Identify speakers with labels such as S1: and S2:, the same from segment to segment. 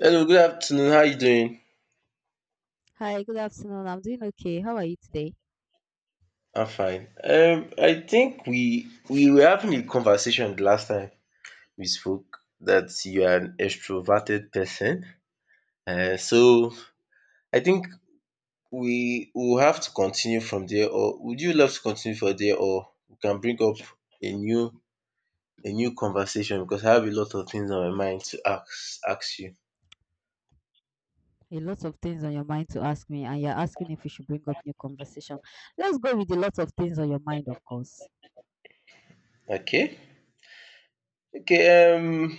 S1: Hello, good afternoon. How you doing?
S2: Hi, good afternoon. I'm doing okay. How are you today?
S1: I'm fine. I think we were having a conversation the last time we spoke that you are an extroverted person. So I think we will have to continue from there, or would you love to continue from there, or we can bring up a new a new conversation because I have a lot of things on my mind to ask you.
S2: A lot of things on your mind to ask me, and you're asking if we should bring up new conversation. Let's go with a lot of things on your mind, of course.
S1: Okay. Okay.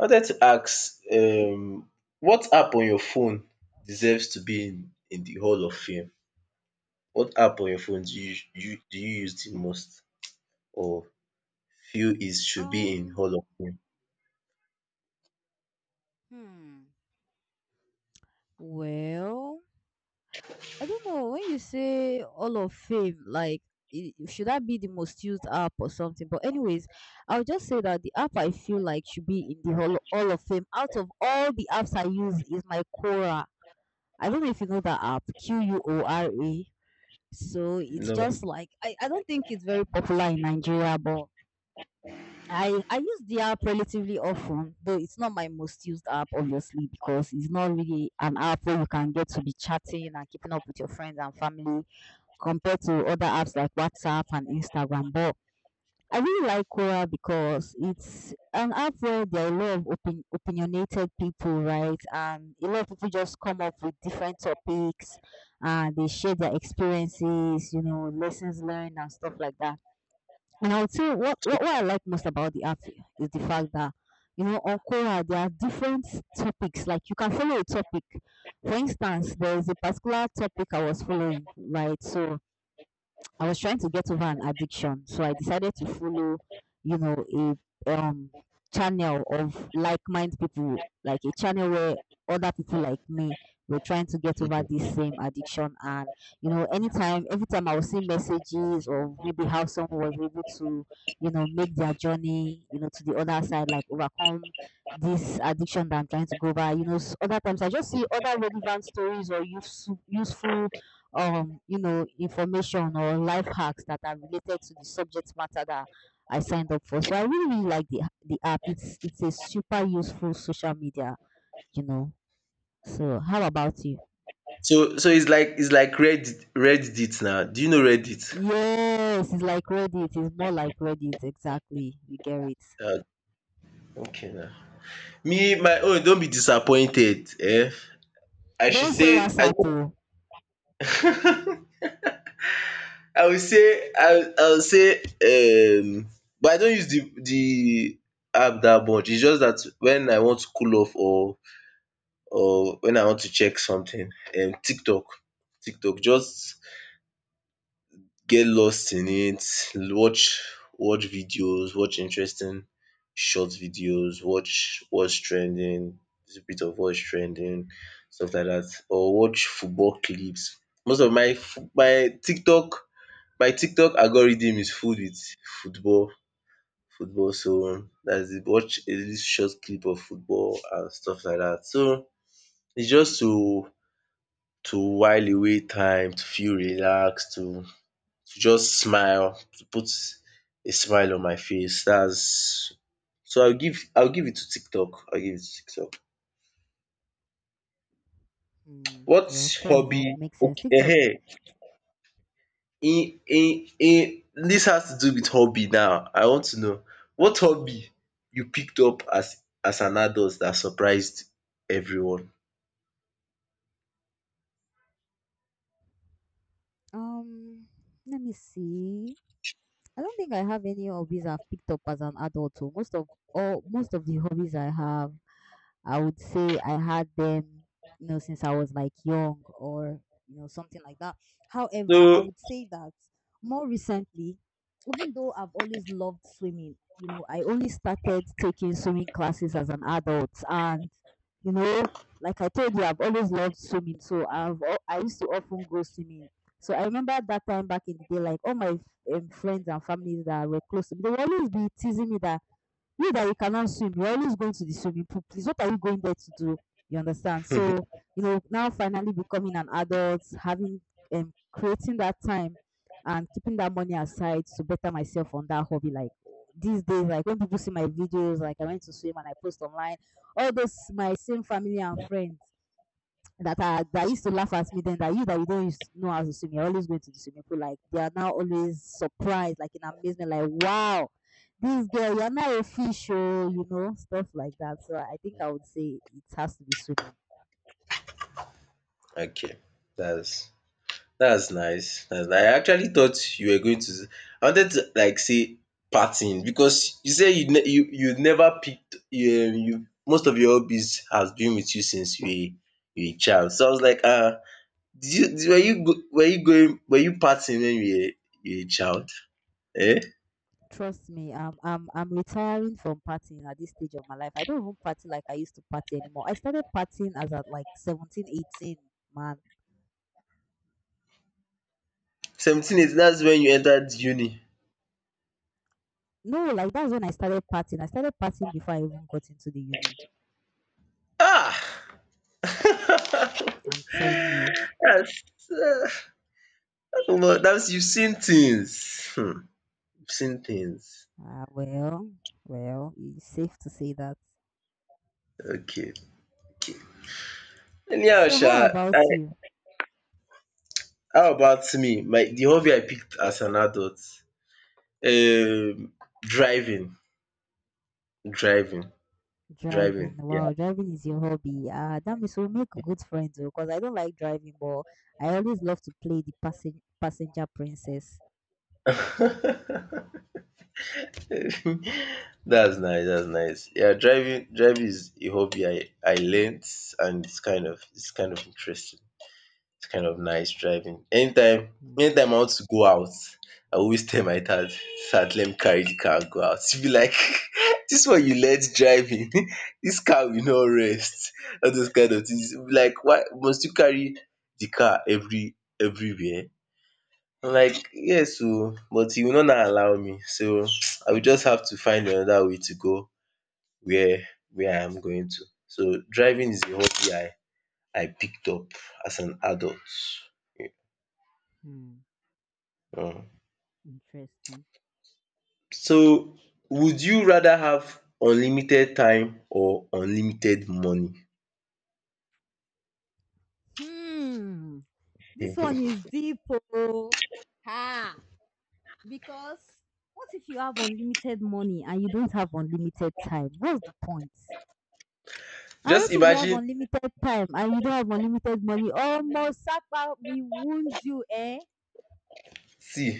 S1: I wanted to ask what app on your phone deserves to be in the hall of fame? What app on your phone do you use the most or feel is should be in
S2: Um,
S1: hall of fame?
S2: hmm. Well, I don't know when you say all of fame, like should that be the most used app or something? But anyways, I'll just say that the app I feel like should be in the hall all of fame out of all the apps I use is my Quora. I don't know if you know that app, Quora. So it's
S1: No.
S2: just like I don't think it's very popular in Nigeria, but I use the app relatively often, though it's not my most used app, obviously, because it's not really an app where you can get to be chatting and keeping up with your friends and family compared to other apps like WhatsApp and Instagram. But I really like Quora because it's an app where there are a lot of opinionated people, right? And a lot of people just come up with different topics, and they share their experiences, lessons learned, and stuff like that. And I would say what I like most about the app is the fact that, on Quora, there are different topics. Like you can follow a topic. For instance, there is a particular topic I was following, right? So I was trying to get over an addiction, so I decided to follow, a um channel of like-minded people, like a channel where other people like me were trying to get over
S1: Mhm.
S2: this same addiction. And anytime, every time I would see messages of maybe how someone was able to, make their journey, to the other side, like overcome this addiction that I'm trying to go by. Other times I just see other relevant stories or useful information or life hacks that are related to the subject matter that I signed up for. So I really really like the app. It's a super useful social media, you know. So how about you?
S1: So it's like Reddit now. Do you know Reddit?
S2: Yes, it's like Reddit. It's more like Reddit exactly. You get it.
S1: Ah, okay now. Me my own not be disappointed. I should
S2: Don't say
S1: say
S2: WhatsApp. Oh.
S1: I I will say but I don't use the app that much. It's just that when I want to cool off or when I want to check something, TikTok. TikTok just get lost in it, watch videos, watch interesting short videos, watch what's trending, just a bit of what's trending, stuff like that or watch football clips. Most of my TikTok algorithm is full with football football so that's it. Watch a little short clip of football and stuff like that. So it's just to while away time, to feel relaxed, to just smile, to put a smile on my face. That's So I'll give it to tiktok, I'll give it to tiktok.
S2: Hmm.
S1: What
S2: Well, fair enough.
S1: hobby?
S2: Makes
S1: Um
S2: sense. TikTok.
S1: in This has to do with hobby now. I want to know what hobby you picked up as an adult that surprised everyone?
S2: Um, Let me see. I don't think I have any hobbies I've picked up as an adult. So most of the hobbies I have, I would say I had them, since I was like young or, something like that. However, I
S1: So
S2: would say that more recently, even though I've always loved swimming, I only started taking swimming classes as an adult. And, you know, like I told you, I've always loved swimming. So I used to often go swimming. So I remember at that time back in the day, like all my friends and families that were close to me, they would always be teasing me that you cannot swim, you're always going to the swimming pool, please. What are you going there to do? You understand? So, now finally becoming an adult, having creating that time and keeping that money aside to better myself on that hobby. Like these days, like when people see my videos, like I went to swim and I post online, all those my same family and friends that used to laugh at me then that you don't know how to swim, you're always going to the swimming pool, like they are now always surprised, like in amazement, like, wow, this girl, you're not a fish, oh. Stuff like that. So I think I would say it has to be swimming.
S1: okay, that's that's nice. That's nice. I actually thought you were going to. I wanted to like say partying because you say you never picked you, you most of your hobbies has been with you since you were a child. So I was like Did you did were you partying when you were a child? Eh?
S2: Trust me, I'm retiring from partying at this stage of my life. I don't even party like I used to party anymore. I started partying as at like 17, 18, man.
S1: 17, 18, that's when you entered uni.
S2: No, like that's when I started partying before I even got into the uni.
S1: Ah!
S2: I'm telling you.
S1: That's Omo, that's you've seen things. Hmm, you've seen things.
S2: Ah, well, it's safe to say that.
S1: Okay, okay. Anyhow
S2: So, how
S1: sha, I
S2: about you?
S1: how about me? My the hobby I picked as an adult, um driving, driving, driving.
S2: Driving. Wow, driving is your hobby. Ah, that means we'll make good friends because I don't like driving, but I always love to play the passenger princess.
S1: Yeah. That's nice, that's nice. Yeah, driving is a hobby I learnt, and it's kind of interesting. It's kind of nice driving. Anytime I want to go out, I always tell my dad, "Dad, let me carry the car and go out." He be like, "This one you learnt driving, this car will not rest." All those kind of things. He be like, "Why must you carry the car everywhere?" I'm like, "Yes o, but you will not allow me. So I will just have to find another way to go where where I am going to." So driving is a hobby I picked up as an adult.
S2: Mm-hmm.
S1: um
S2: Interesting.
S1: So would you rather have unlimited time or unlimited money?
S2: Hmm. This one is deep. Oh. Ha. Because what if you have unlimited money and you don't have unlimited time? What's the point? And what
S1: Just
S2: if you have
S1: imagine.
S2: unlimited time and you don't have unlimited money? Almost Sapa, we wound you, eh?
S1: See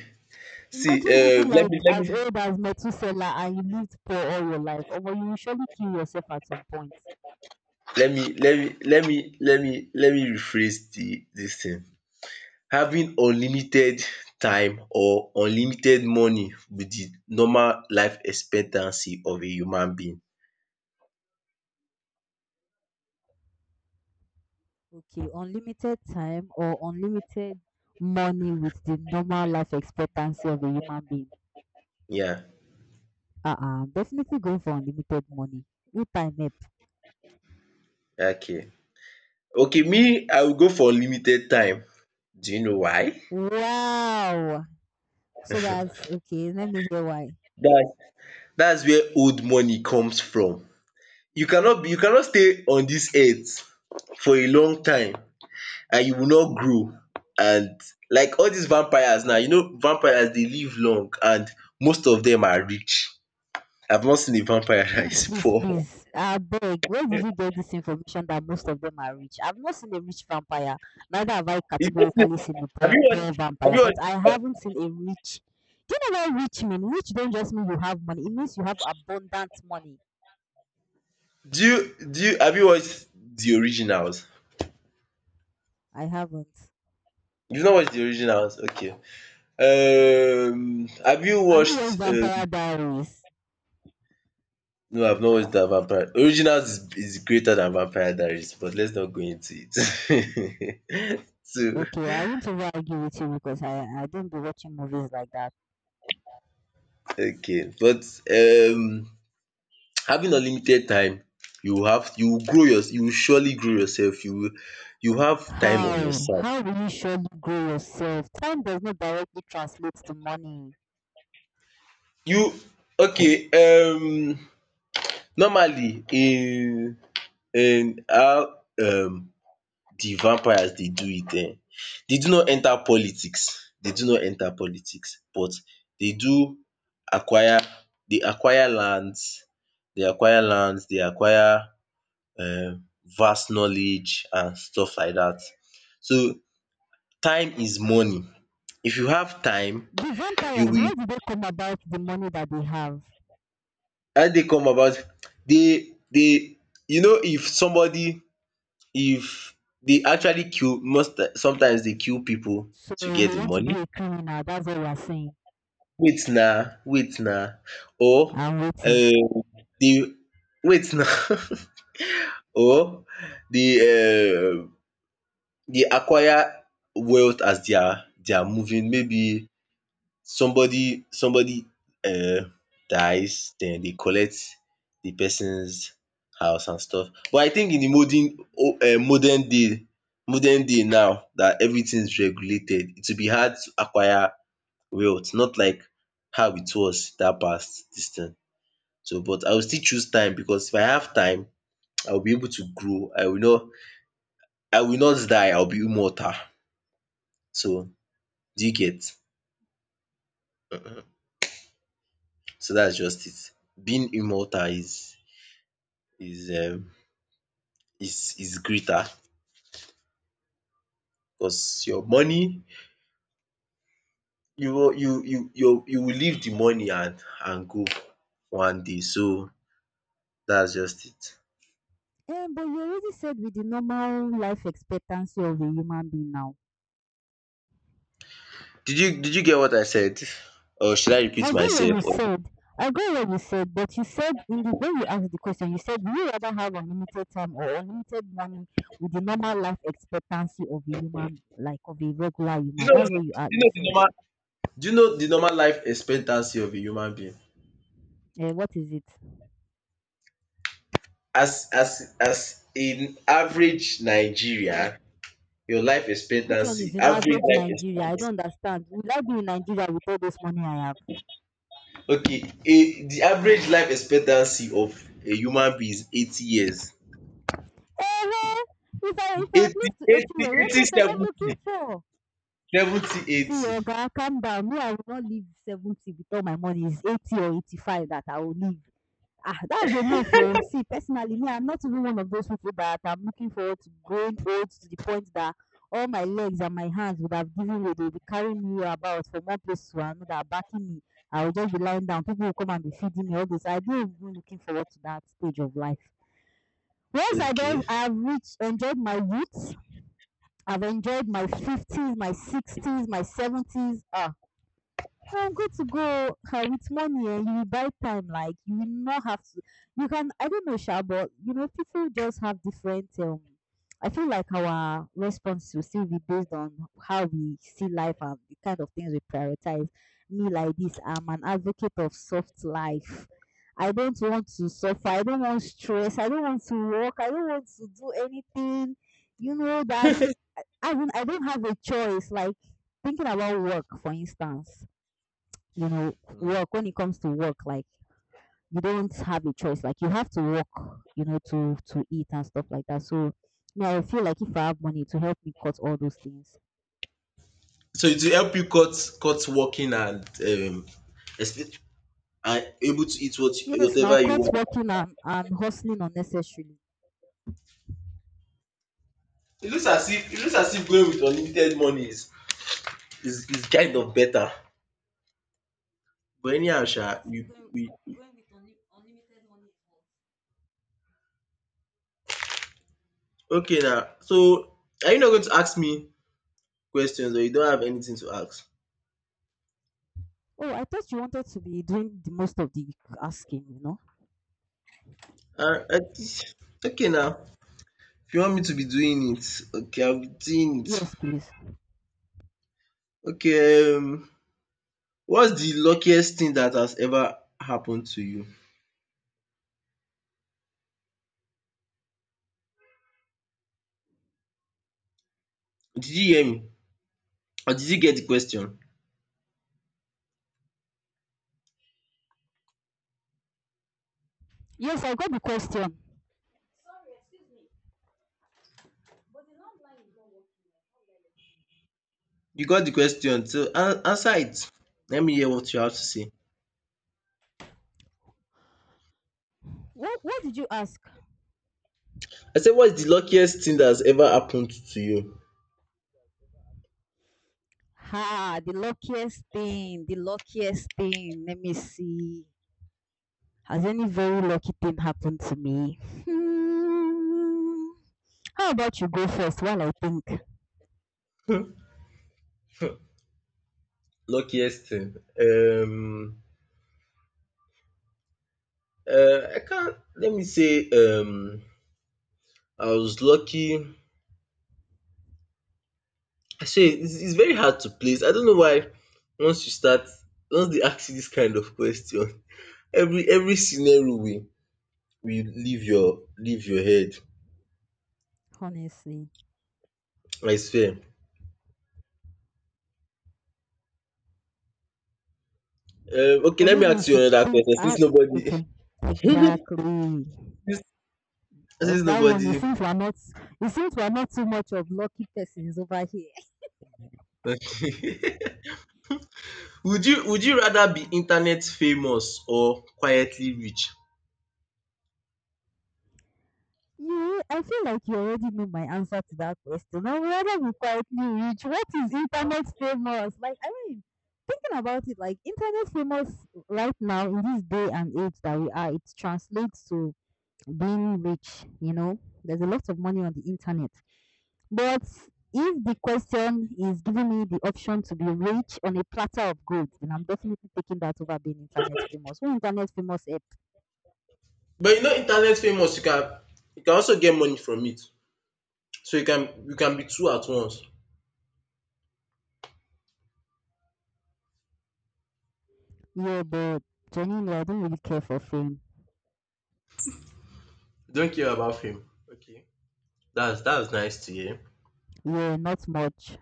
S1: see
S2: Imagine living
S1: Let me
S2: like
S1: let me
S2: as old as Methuselah and you lived poor all your life. Or you will surely kill yourself at some point.
S1: let me let me rephrase the this thing. Having unlimited time or unlimited money with the normal life expectancy of a human being.
S2: Okay, unlimited time or unlimited money with the normal life expectancy of a human being.
S1: Yeah,
S2: Uh-uh, definitely go for unlimited money. Who time it?
S1: okay. Okay, me I will go for unlimited time. Do you know why?
S2: Wow. So that's okay. Let me hear why.
S1: That's that's where old money comes from. You cannot stay on this earth for a long time and you will not grow, and like all these vampires now, vampires they live long and most of them are rich. I've not seen a vampire that
S2: Please,
S1: is
S2: please,
S1: poor.
S2: please. I beg. Where did you get this information that most of them are rich? I've not seen a rich vampire. Neither have I
S1: You don't
S2: categorically seen a poor, poor
S1: Have
S2: vampire.
S1: you
S2: But I
S1: watched
S2: haven't seen a rich. Do you know what rich mean? Rich don't just mean you have money. It means you have abundant money.
S1: do you have you watched The Originals?
S2: I haven't.
S1: You've not watched The Originals? Okay. Have you
S2: Have you watched
S1: watched,
S2: Vampire Diaries?
S1: no, I've not watched the Vampire. Originals is greater than Vampire Diaries, but let's not go into it. So
S2: Okay, I won't over argue with you because I don't be watching movies like that.
S1: okay. But having unlimited time, you will have you will grow your you will surely grow yourself. You have time on your
S2: How?
S1: side.
S2: How will you surely grow yourself? Time does not directly translate to money.
S1: You Okay, normally in how di vampires dey do it, dey do not enta politics, but dey do acquire dey acquire lands, dey acquire lands, dey acquire um vast knowledge and stuff like dat. So time is money. If you have time,
S2: The
S1: you
S2: vampires,
S1: will
S2: how did they come about the money that they have?
S1: how e take come about dey dey you know, if somebody if dey actually kill, most sometimes dey kill pipo
S2: So
S1: to get
S2: you
S1: di
S2: want to
S1: money.
S2: be a criminal, that's what you are saying.
S1: Wait na, wait na, or
S2: I'm waiting.
S1: um dey wait na. Or dey um dey acquire wealth as dia moving, maybe somebody um dies, then they collect the person's house and stuff. But I think in the modern day now that everything is regulated, it will be hard to acquire wealth, not like how it was that past this thing. So but I will still choose time because if I have time, I will be able to grow. I will not die. I will be immortal. So do you get? um So that's just it. Being immortal is um is greater because your money, you will you you you you will leave the money and go one day. So that's just it.
S2: Yeah, but you already said with the normal life expectancy of a human being now.
S1: Did you get what I said, or should I
S2: I
S1: repeat
S2: got what
S1: myself,
S2: you
S1: or do
S2: said. I got what you said, but you said in the when you asked the question, you said, "Would you rather have unlimited time or unlimited money with the normal life expectancy of a human, like of a regular
S1: you
S2: human?"
S1: know the
S2: That's
S1: do
S2: what you are.
S1: you
S2: You
S1: know the
S2: said.
S1: normal do you know the normal life expectancy of a human being?
S2: What is it?
S1: As a average Nigerian, your life
S2: Which one
S1: expectancy,
S2: is in
S1: average
S2: average
S1: life
S2: Nigeria? I
S1: expectancy.
S2: don't understand. Will I be in Nigeria with all this money I have?
S1: Okay, a the average life expectancy of a human being is 80 years.
S2: Eh, well, if I
S1: Eighty
S2: live to 80
S1: eighty
S2: years, what
S1: eighty
S2: else am I
S1: seventy
S2: looking for?
S1: seventy
S2: See,
S1: eighty.
S2: Oga, calm down. Me, I will not leave 70 with all my money. It's 80 or 85 that I will leave. Ah, that's enough oh. See, personally, me, I'm not even one of those people that I'm looking forward to growing old to the point that all my legs and my hands would have given way. They'll be carrying me about from one place to another, backing me. I will just be lying down. People will come and be feeding me all this. I don't even looking forward to that stage of life. Once I don't,
S1: Okay.
S2: I have reached, enjoyed my youth. I've enjoyed my 50s, my 60s, my 70s. Ah, well, I'm good to go with money, and you will buy time, like you will not have to you can, I don't know sha. But people just have different, I feel like our response will still be based on how we see life and the kind of things we prioritize. Me like this, I'm an advocate of soft life. I don't want to suffer, I don't want stress, I don't want to work, I don't want to do anything, you know that. I mean, I don't have a choice. Like, thinking about work, for instance,
S1: Mm.
S2: work, when it comes to work, like you don't have a choice, like you have to work, you know, to eat and stuff like that. So yeah, I feel like if I have money to help me cut all those things,
S1: So to help you cut working expe- and able to eat
S2: yes now,
S1: whatever you
S2: cut
S1: want.
S2: working and hustling unnecessarily.
S1: It looks as if going with unlimited money is kind of better. But anyhow sha, we okay now. So are you not going to ask me questions or you don't have anything to ask?
S2: Oh, I thought you wanted to be doing the most of the asking.
S1: Ah I Okay now. If you want me to be doing it, okay, I'll be doing it.
S2: yes, please.
S1: Okay, what's the luckiest thing that has ever happened to you? Did you hear me? Or did you get the question?
S2: Yes, I got the question.
S1: You got the question, so answer it. Let me hear what you have to say.
S2: What did you ask?
S1: I said, what's the luckiest thing that has ever happened to you?
S2: Ha, the luckiest thing, let me see. Has any very lucky thing happened to me? Hmm. How about you go first while I think,
S1: Luckiest thing. Um, I can't. Let me say, I was lucky. Actually, it's very hard to place. I don't know why. Once you start, once they ask you this kind of question, every scenario we leave your head,
S2: honestly?
S1: I swear. Okay,
S2: Or
S1: let me
S2: maybe you
S1: ask you
S2: should
S1: another
S2: think.
S1: question since
S2: Ah,
S1: nobody
S2: okay,
S1: since
S2: exactly.
S1: since
S2: Because that one, it
S1: nobody
S2: seems we're not. It seems we're not too much of lucky persons over here.
S1: Would you rather be internet famous or quietly rich?
S2: You, I feel like you already know my answer to that question. I would rather be quietly rich. What is internet famous? Like, I mean, thinking about it, like internet famous right now in this day and age that we are, it translates to being rich. There's a lot of money on the internet. But if the question is giving me the option to be rich on a platter of gold, then I'm definitely taking that over being internet famous. Who internet famous help?
S1: But you know, internet famous, you can also get money from it. So you can be two at once.
S2: Yeah, but genuinely, I don't really care for fame.
S1: Don't care about fame. Okay. That's nice to hear.
S2: Yeah, not much.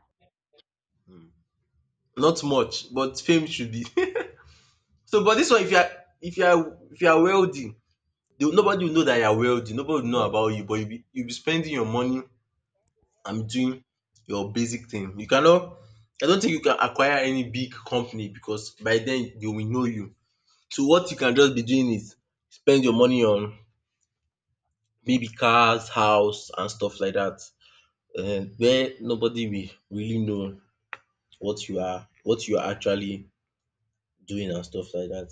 S1: Not much, but fame should be. So but this one, if you are if you are if you are wealthy, They nobody will know that you are wealthy, nobody will know
S2: Hmm.
S1: about you, but you'll be spending your money and doing your basic thing. You cannot I don't think you can acquire any big company because by then they will know you. So what you can just be doing is spend your money on maybe cars, house and stuff like that, where nobody will really know what you are actually doing and stuff like that.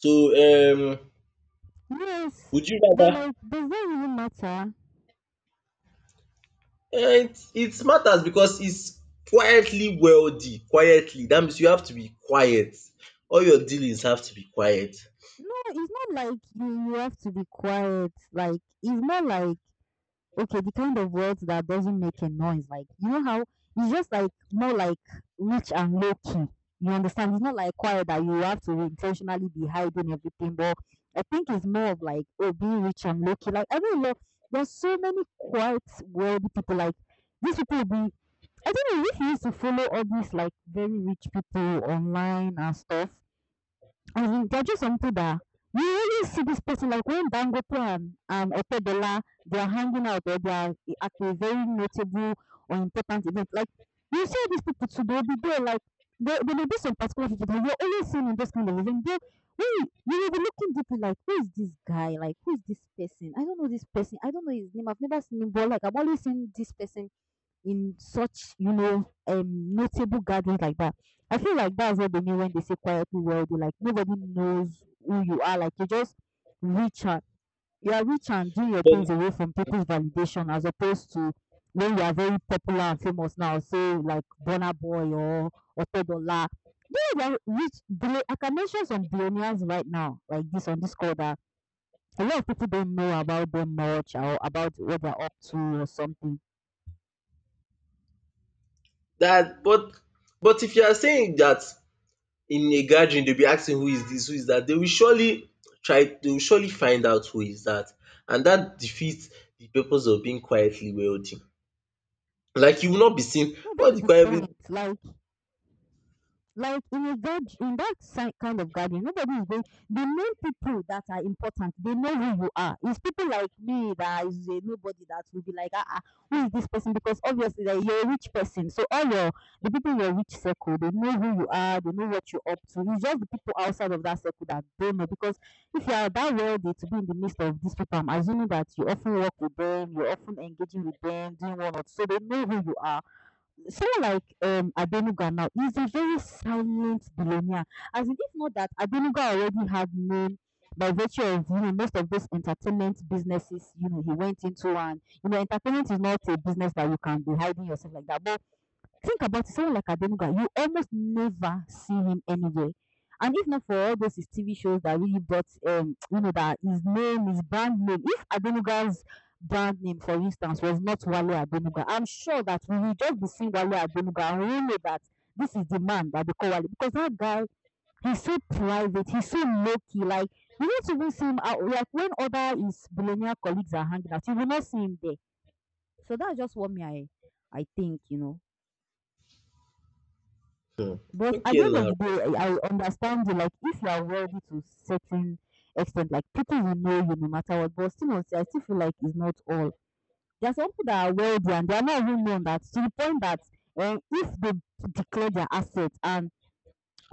S1: So
S2: Yes,
S1: would you
S2: but
S1: rather—
S2: like, does that really matter?
S1: Eh, it matters because it's quietly wealthy, quietly. That means you have to be quiet. All your dealings have to be quiet.
S2: No, it's not like you have to be quiet. Like, it's more like okay, the kind of wealth that doesn't make a noise. Like, you know how it's just like more like rich and low key. You understand? It's not like quiet that you have to intentionally be hiding everything, but I think it's more of like, oh, being rich and low key. Like, I don't know. There's so many quiet, wealthy people. Like, these people be, I don't know if you used to follow all these like very rich people online and stuff. As in, they're just onto that. You really see this person like when Dangote and Otedola they are hanging out or they are at a very notable or important event. Like you see these people too, they'll be there like there may be some particular people that you're always seeing in this kind of event. They when you will be looking deeply like who is this guy? Like who is this person? I don't know this person. I don't know his name. I've never seen him, but like I've always seen this person in such, you know, notable gatherings like that. I feel like that's what they mean when they say quietly wealthy. Like nobody knows who you are. Like you're just rich and you are rich and doing your things away from people's validation, as opposed to when you are very popular and famous now. Say like Burna Boy or Otodola. People are rich, I can mention some billionaires right now, like this on this call that a lot of people don't know about them much or about what they're up to or something.
S1: That, But if you are saying that in a gathering will be asking who is this, who is that. They will surely try Dey will surely find out who is that, and that defeats the purpose of being quietly wealthy. Like you will not be seen.
S2: No,
S1: What
S2: that's
S1: the
S2: the
S1: quiet
S2: point. Like in a god in that kind of garden, nobody is going. The main people that are important, they know who you are. It's people like me that is a nobody that will be like, ah, ah, who is this person? Because obviously like, you're a rich person, so all your the people in your rich circle, they know who you are, they know what you're up to. It's just the people outside of that circle that don't know. Because if you are that wealthy to be in the midst of these people, I'm assuming that you often work with them, you're often engaging with them, doing one or two, so they know who you are someone like Adenuga now is a very silent billionaire. As in, if not that, Adenuga already had name by virtue of you know most of those entertainment businesses you know he went into and you know entertainment is not a business that you can be hiding yourself like that. But think about it, someone like Adenuga, you almost never see him anywhere. And if not for all those his TV shows that really brought, you know, that his name, his brand name, if Adenuga's brand name, for instance, was not Wale Adenuga, I'm sure that we will just be seeing Wale Adenuga and we know that this is the man that they call Wale because that guy, he's so private, he's so low key. Like, you don't even see him out. Like, when other his billionaire colleagues are hanging out, you will not see him there. So that's just what me, I think, you know.
S1: um
S2: But at
S1: okay
S2: the end of
S1: now.
S2: the day, I understand you. Like, if you are wealthy to certain extent, like people will know you no matter what. But still, honestly, I still feel like it's not all. There are some people that are wealthy and they are not even known that to the point that if they declare their assets and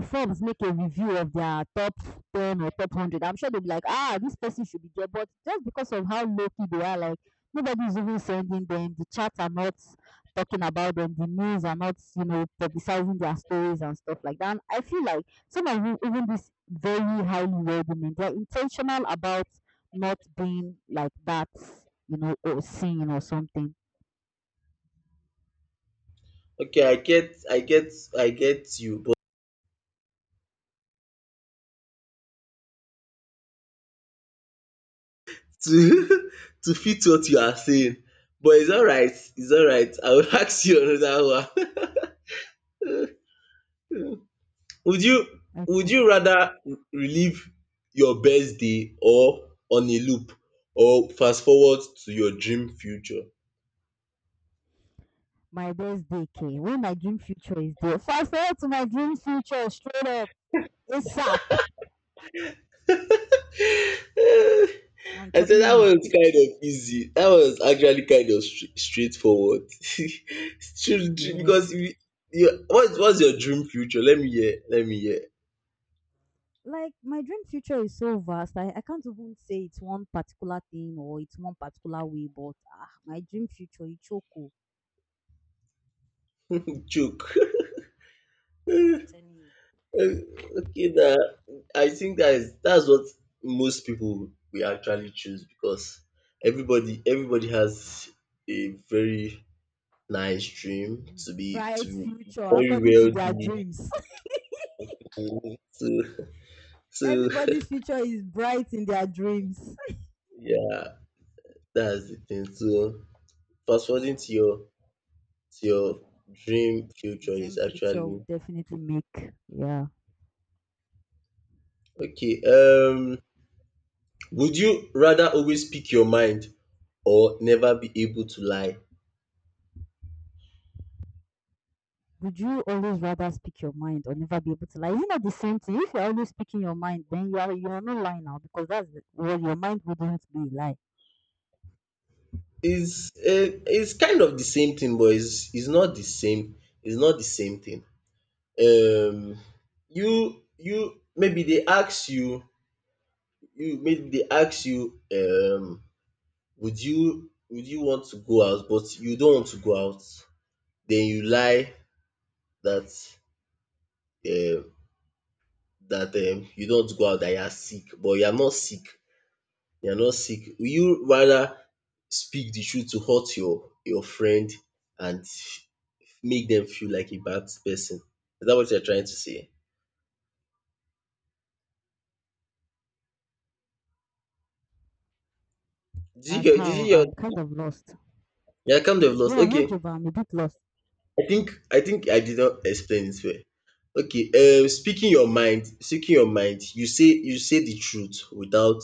S2: Forbes make a review of their top 10 or top 100, I'm sure they'll be like, ah, this person should be there. But just because of how low key they are, like, nobody's even sending them. The chats are not talking about them. The news are not, you know, publicizing their stories and stuff like that. And I feel like some of you, even these very highly wealthy men, they're intentional about not being like that, you know, or seen or something.
S1: Okay, I get you, but to to fit what you are saying. But it's alright, it's alright. I will ask you another one. Would you would
S2: Okay.
S1: you rather relive your best day or on a loop, or fast forward to your dream future?
S2: My best day came when my dream future is there. Fast forward to my dream future straight up. ASAP.
S1: I
S2: I'm
S1: said
S2: telling
S1: that
S2: you.
S1: was kind of easy. That was actually kind of straightforward.
S2: Yeah.
S1: Because you, what's your dream future? Let me hear. Let me hear.
S2: Like my dream future is so vast. I can't even say it's one particular thing or it's one particular way, but ah, my dream future, Ichoko.
S1: Joke. Uh, okay na, I think that's what most people will actually choose, because everybody has a very nice dream, to be to
S2: Bright
S1: be
S2: future
S1: very
S2: according to their
S1: wealthy,
S2: dreams.
S1: so. So
S2: Everybody's future is bright in their dreams.
S1: yeah, that's the thing. So fast forwarding to your dream future is
S2: Dream future will
S1: actually
S2: definitely make. Yeah.
S1: okay. Would you rather always speak your mind or never be able to lie?
S2: Would you always rather speak your mind or never be able to lie? Is it not the same thing? If you're always speaking your mind, then you are not lying now, because your mind wouldn't be a lie.
S1: It's kind of the same thing, but it's not the same, it's not the same thing. Um you, maybe they ask you, you maybe they ask you um would you want to go out, but you don't want to go out, then you lie that, um you don't want to go out, that you are sick but you are not sick. Will you rather speak the truth to hurt your friend and make them feel like a bad person? Is that what you are trying to say? Did you
S2: As
S1: get did you
S2: how I'm kind
S1: get
S2: of lost.
S1: Yeah, I kind of lost.
S2: Yeah, I heard
S1: Okay.
S2: you, but I'm a bit lost.
S1: I think I did not explain it well. Okay, speaking your mind, you say the truth without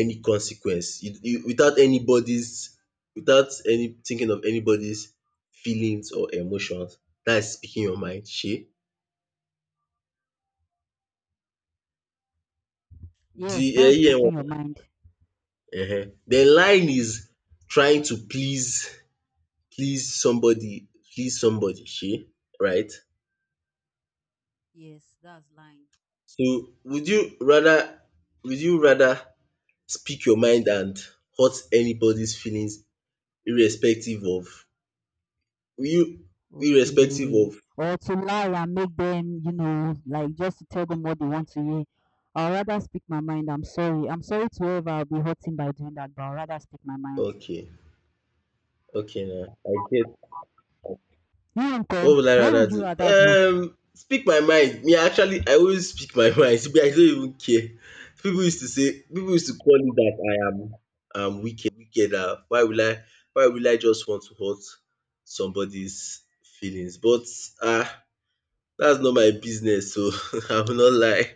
S1: any consequence, you without anybody's, without any thinking of anybody's feelings or emotions. That is speaking your mind, She. The
S2: Yes,
S1: uh,
S2: that's
S1: yeah
S2: speaking your
S1: EM
S2: mind.
S1: then lying is trying to please somebody please somebody she, right.
S2: Yes, that's lying.
S1: So would you rather speak your mind and hurt anybody's feelings, irrespective of, will you irrespective
S2: Okay.
S1: of
S2: Or to lie and make them, you know, like just to tell them what they want to hear. I'll rather speak my mind. I'm sorry. I'm sorry to whoever I'll be hurting by doing that, but I'll rather speak my mind.
S1: okay. Okay Now I get.
S2: You,
S1: What
S2: uncle,
S1: would I
S2: what
S1: rather
S2: would you
S1: do?
S2: rather do?
S1: Speak my mind. Me, actually, I always speak my mind. Me, I don't even care. People used to call me that I am wicked. Wicked. Ah. Why will I? Why will I just want to hurt somebody's feelings? But ah, uh, that's not my business. So I will not lie.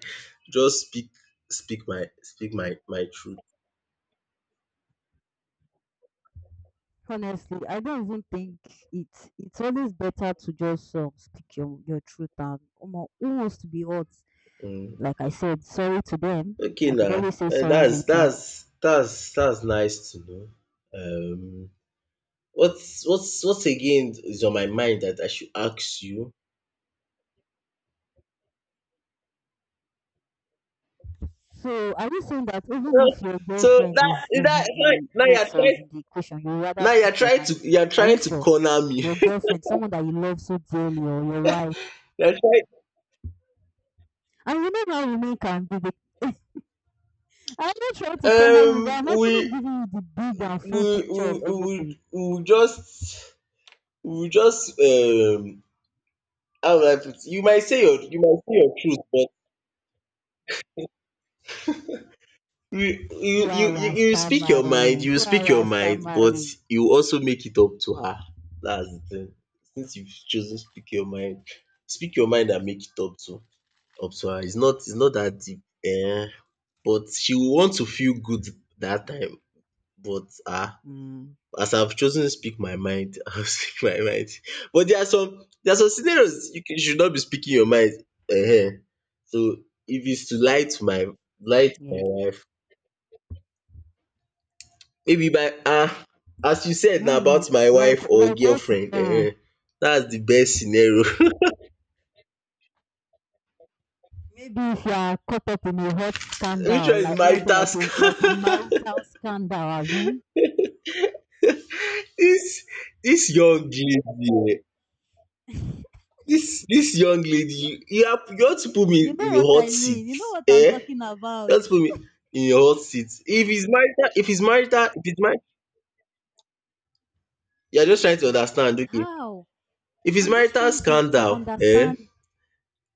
S1: Just speak my truth.
S2: Honestly, I don't even think it's always better to just speak your truth and omo, who wants to be hurt?
S1: Mm.
S2: Like I said, sorry to them.
S1: Okay,
S2: I could
S1: now
S2: always say sorry
S1: that's
S2: later.
S1: that's that's that's nice to know. Um. What's again is on my mind that I should ask you?
S2: So are you saying that even
S1: So
S2: if your
S1: so
S2: girlfriend
S1: that
S2: is
S1: that
S2: in the
S1: now
S2: mix or is in the equation, you rather speak your mind?
S1: you're
S2: Are
S1: trying
S2: you
S1: to
S2: sure?
S1: corner me.
S2: Your girlfriend, someone that you love so dearly, or your wife,
S1: You're
S2: and you know how women can be. They, I'm not trying to
S1: trying,
S2: cover you, but I'm actually giving you the big and
S1: we
S2: full
S1: we
S2: picture of
S1: we,
S2: everything.
S1: we just we just how would I put it? You might say your you might say your truth. you
S2: See
S1: you you
S2: how you
S1: you
S2: are
S1: you speak your mind
S2: stammering.
S1: you
S2: See how
S1: speak
S2: you
S1: your
S2: are
S1: mind, but
S2: stammering.
S1: you also make it up to her. That's the thing. Since you've chosen, speak your mind and make it up to her. It's not, that deep. um but she will want to feel good that time. But ah
S2: Mm,
S1: As I've chosen to speak my mind, I'll speak my mind. But there are some, scenarios you should not be speaking your mind. um so if it's to lie to my
S2: yeah,
S1: wife, maybe by as you said na,
S2: really.
S1: about my wife or
S2: Like what? You
S1: girlfriend,
S2: know.
S1: eh? That's the best scenario.
S2: Maybe if you are caught up in a hot
S1: Which one
S2: scandal,
S1: is
S2: like let's say
S1: marital
S2: like a
S1: scam?
S2: marital scandal, Abby.
S1: This this young lady, this dis young lady, you, are you want to put me
S2: You
S1: in
S2: know
S1: a
S2: what
S1: hot
S2: I
S1: seat,
S2: mean? You know what I'm
S1: eh?
S2: talking
S1: You
S2: about.
S1: want to put me in your hot seat. If its marital, you are just trying to understand, okay.
S2: How?
S1: If its
S2: I'm just
S1: marital
S2: trying to
S1: scandal, eh?
S2: understand.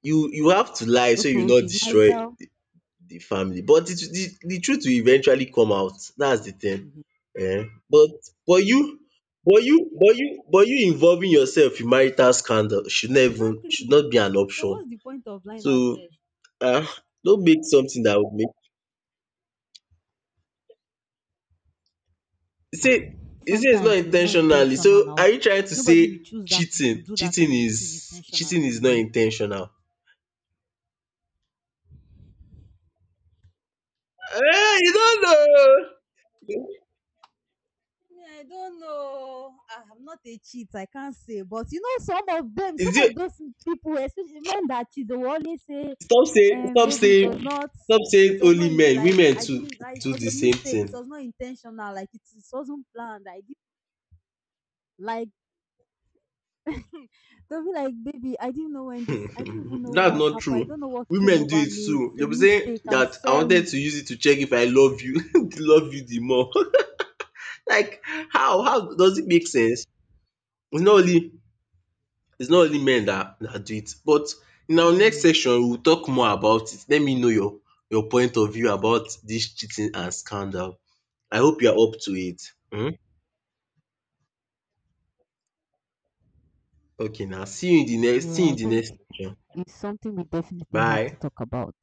S1: You have to lie so you
S2: Okay, if
S1: not
S2: it's
S1: destroy
S2: marital,
S1: the family. But the truth will eventually come out. That's the thing. But but you but you involving yourself in marital scandal should not even should not be an option. So uh don't make something that would make you say, you say, its not
S2: sometimes it's not
S1: intentionally.
S2: intentional
S1: So are
S2: now.
S1: you trying to
S2: Nobody will
S1: say
S2: choose that
S1: cheating,
S2: do that kind of thing intentionally,
S1: is
S2: you
S1: not
S2: know.
S1: intentional? Ten, you don't know.
S2: Me, I don't know. Ah, I'm not a cheat. I can't say. But you know, some of them, some
S1: Is
S2: of
S1: it
S2: those people, especially men that cheat, they will always say,
S1: stop saying stop
S2: baby,
S1: saying Stop
S2: it
S1: saying
S2: was not
S1: only men.
S2: like
S1: Women
S2: I
S1: too
S2: didn't, like, it
S1: do
S2: was
S1: the
S2: a
S1: same
S2: mistake. It
S1: thing.
S2: was not intentional. Like it wasn't planned. I did like they'll be like, baby, I didn't know when this. I didn't even know
S1: That's
S2: what
S1: not
S2: happened. I
S1: true.
S2: don't know what came
S1: Women do
S2: over
S1: it
S2: me.
S1: too. You
S2: It's a
S1: be saying
S2: mistake. I'm
S1: that I wanted
S2: sorry.
S1: to use it to check if I love you, to love you the more. Like, how does it make sense? it's not only it's not only men that do it. But in our next
S2: Hmm.
S1: section, we will talk more about it. Let me know your point of view about this cheating and scandal. I hope you are up to it. Okay. Now, see you
S2: Yeah,
S1: in
S2: I
S1: the
S2: think
S1: next section.
S2: it's something we definitely have
S1: Bye.
S2: to talk about.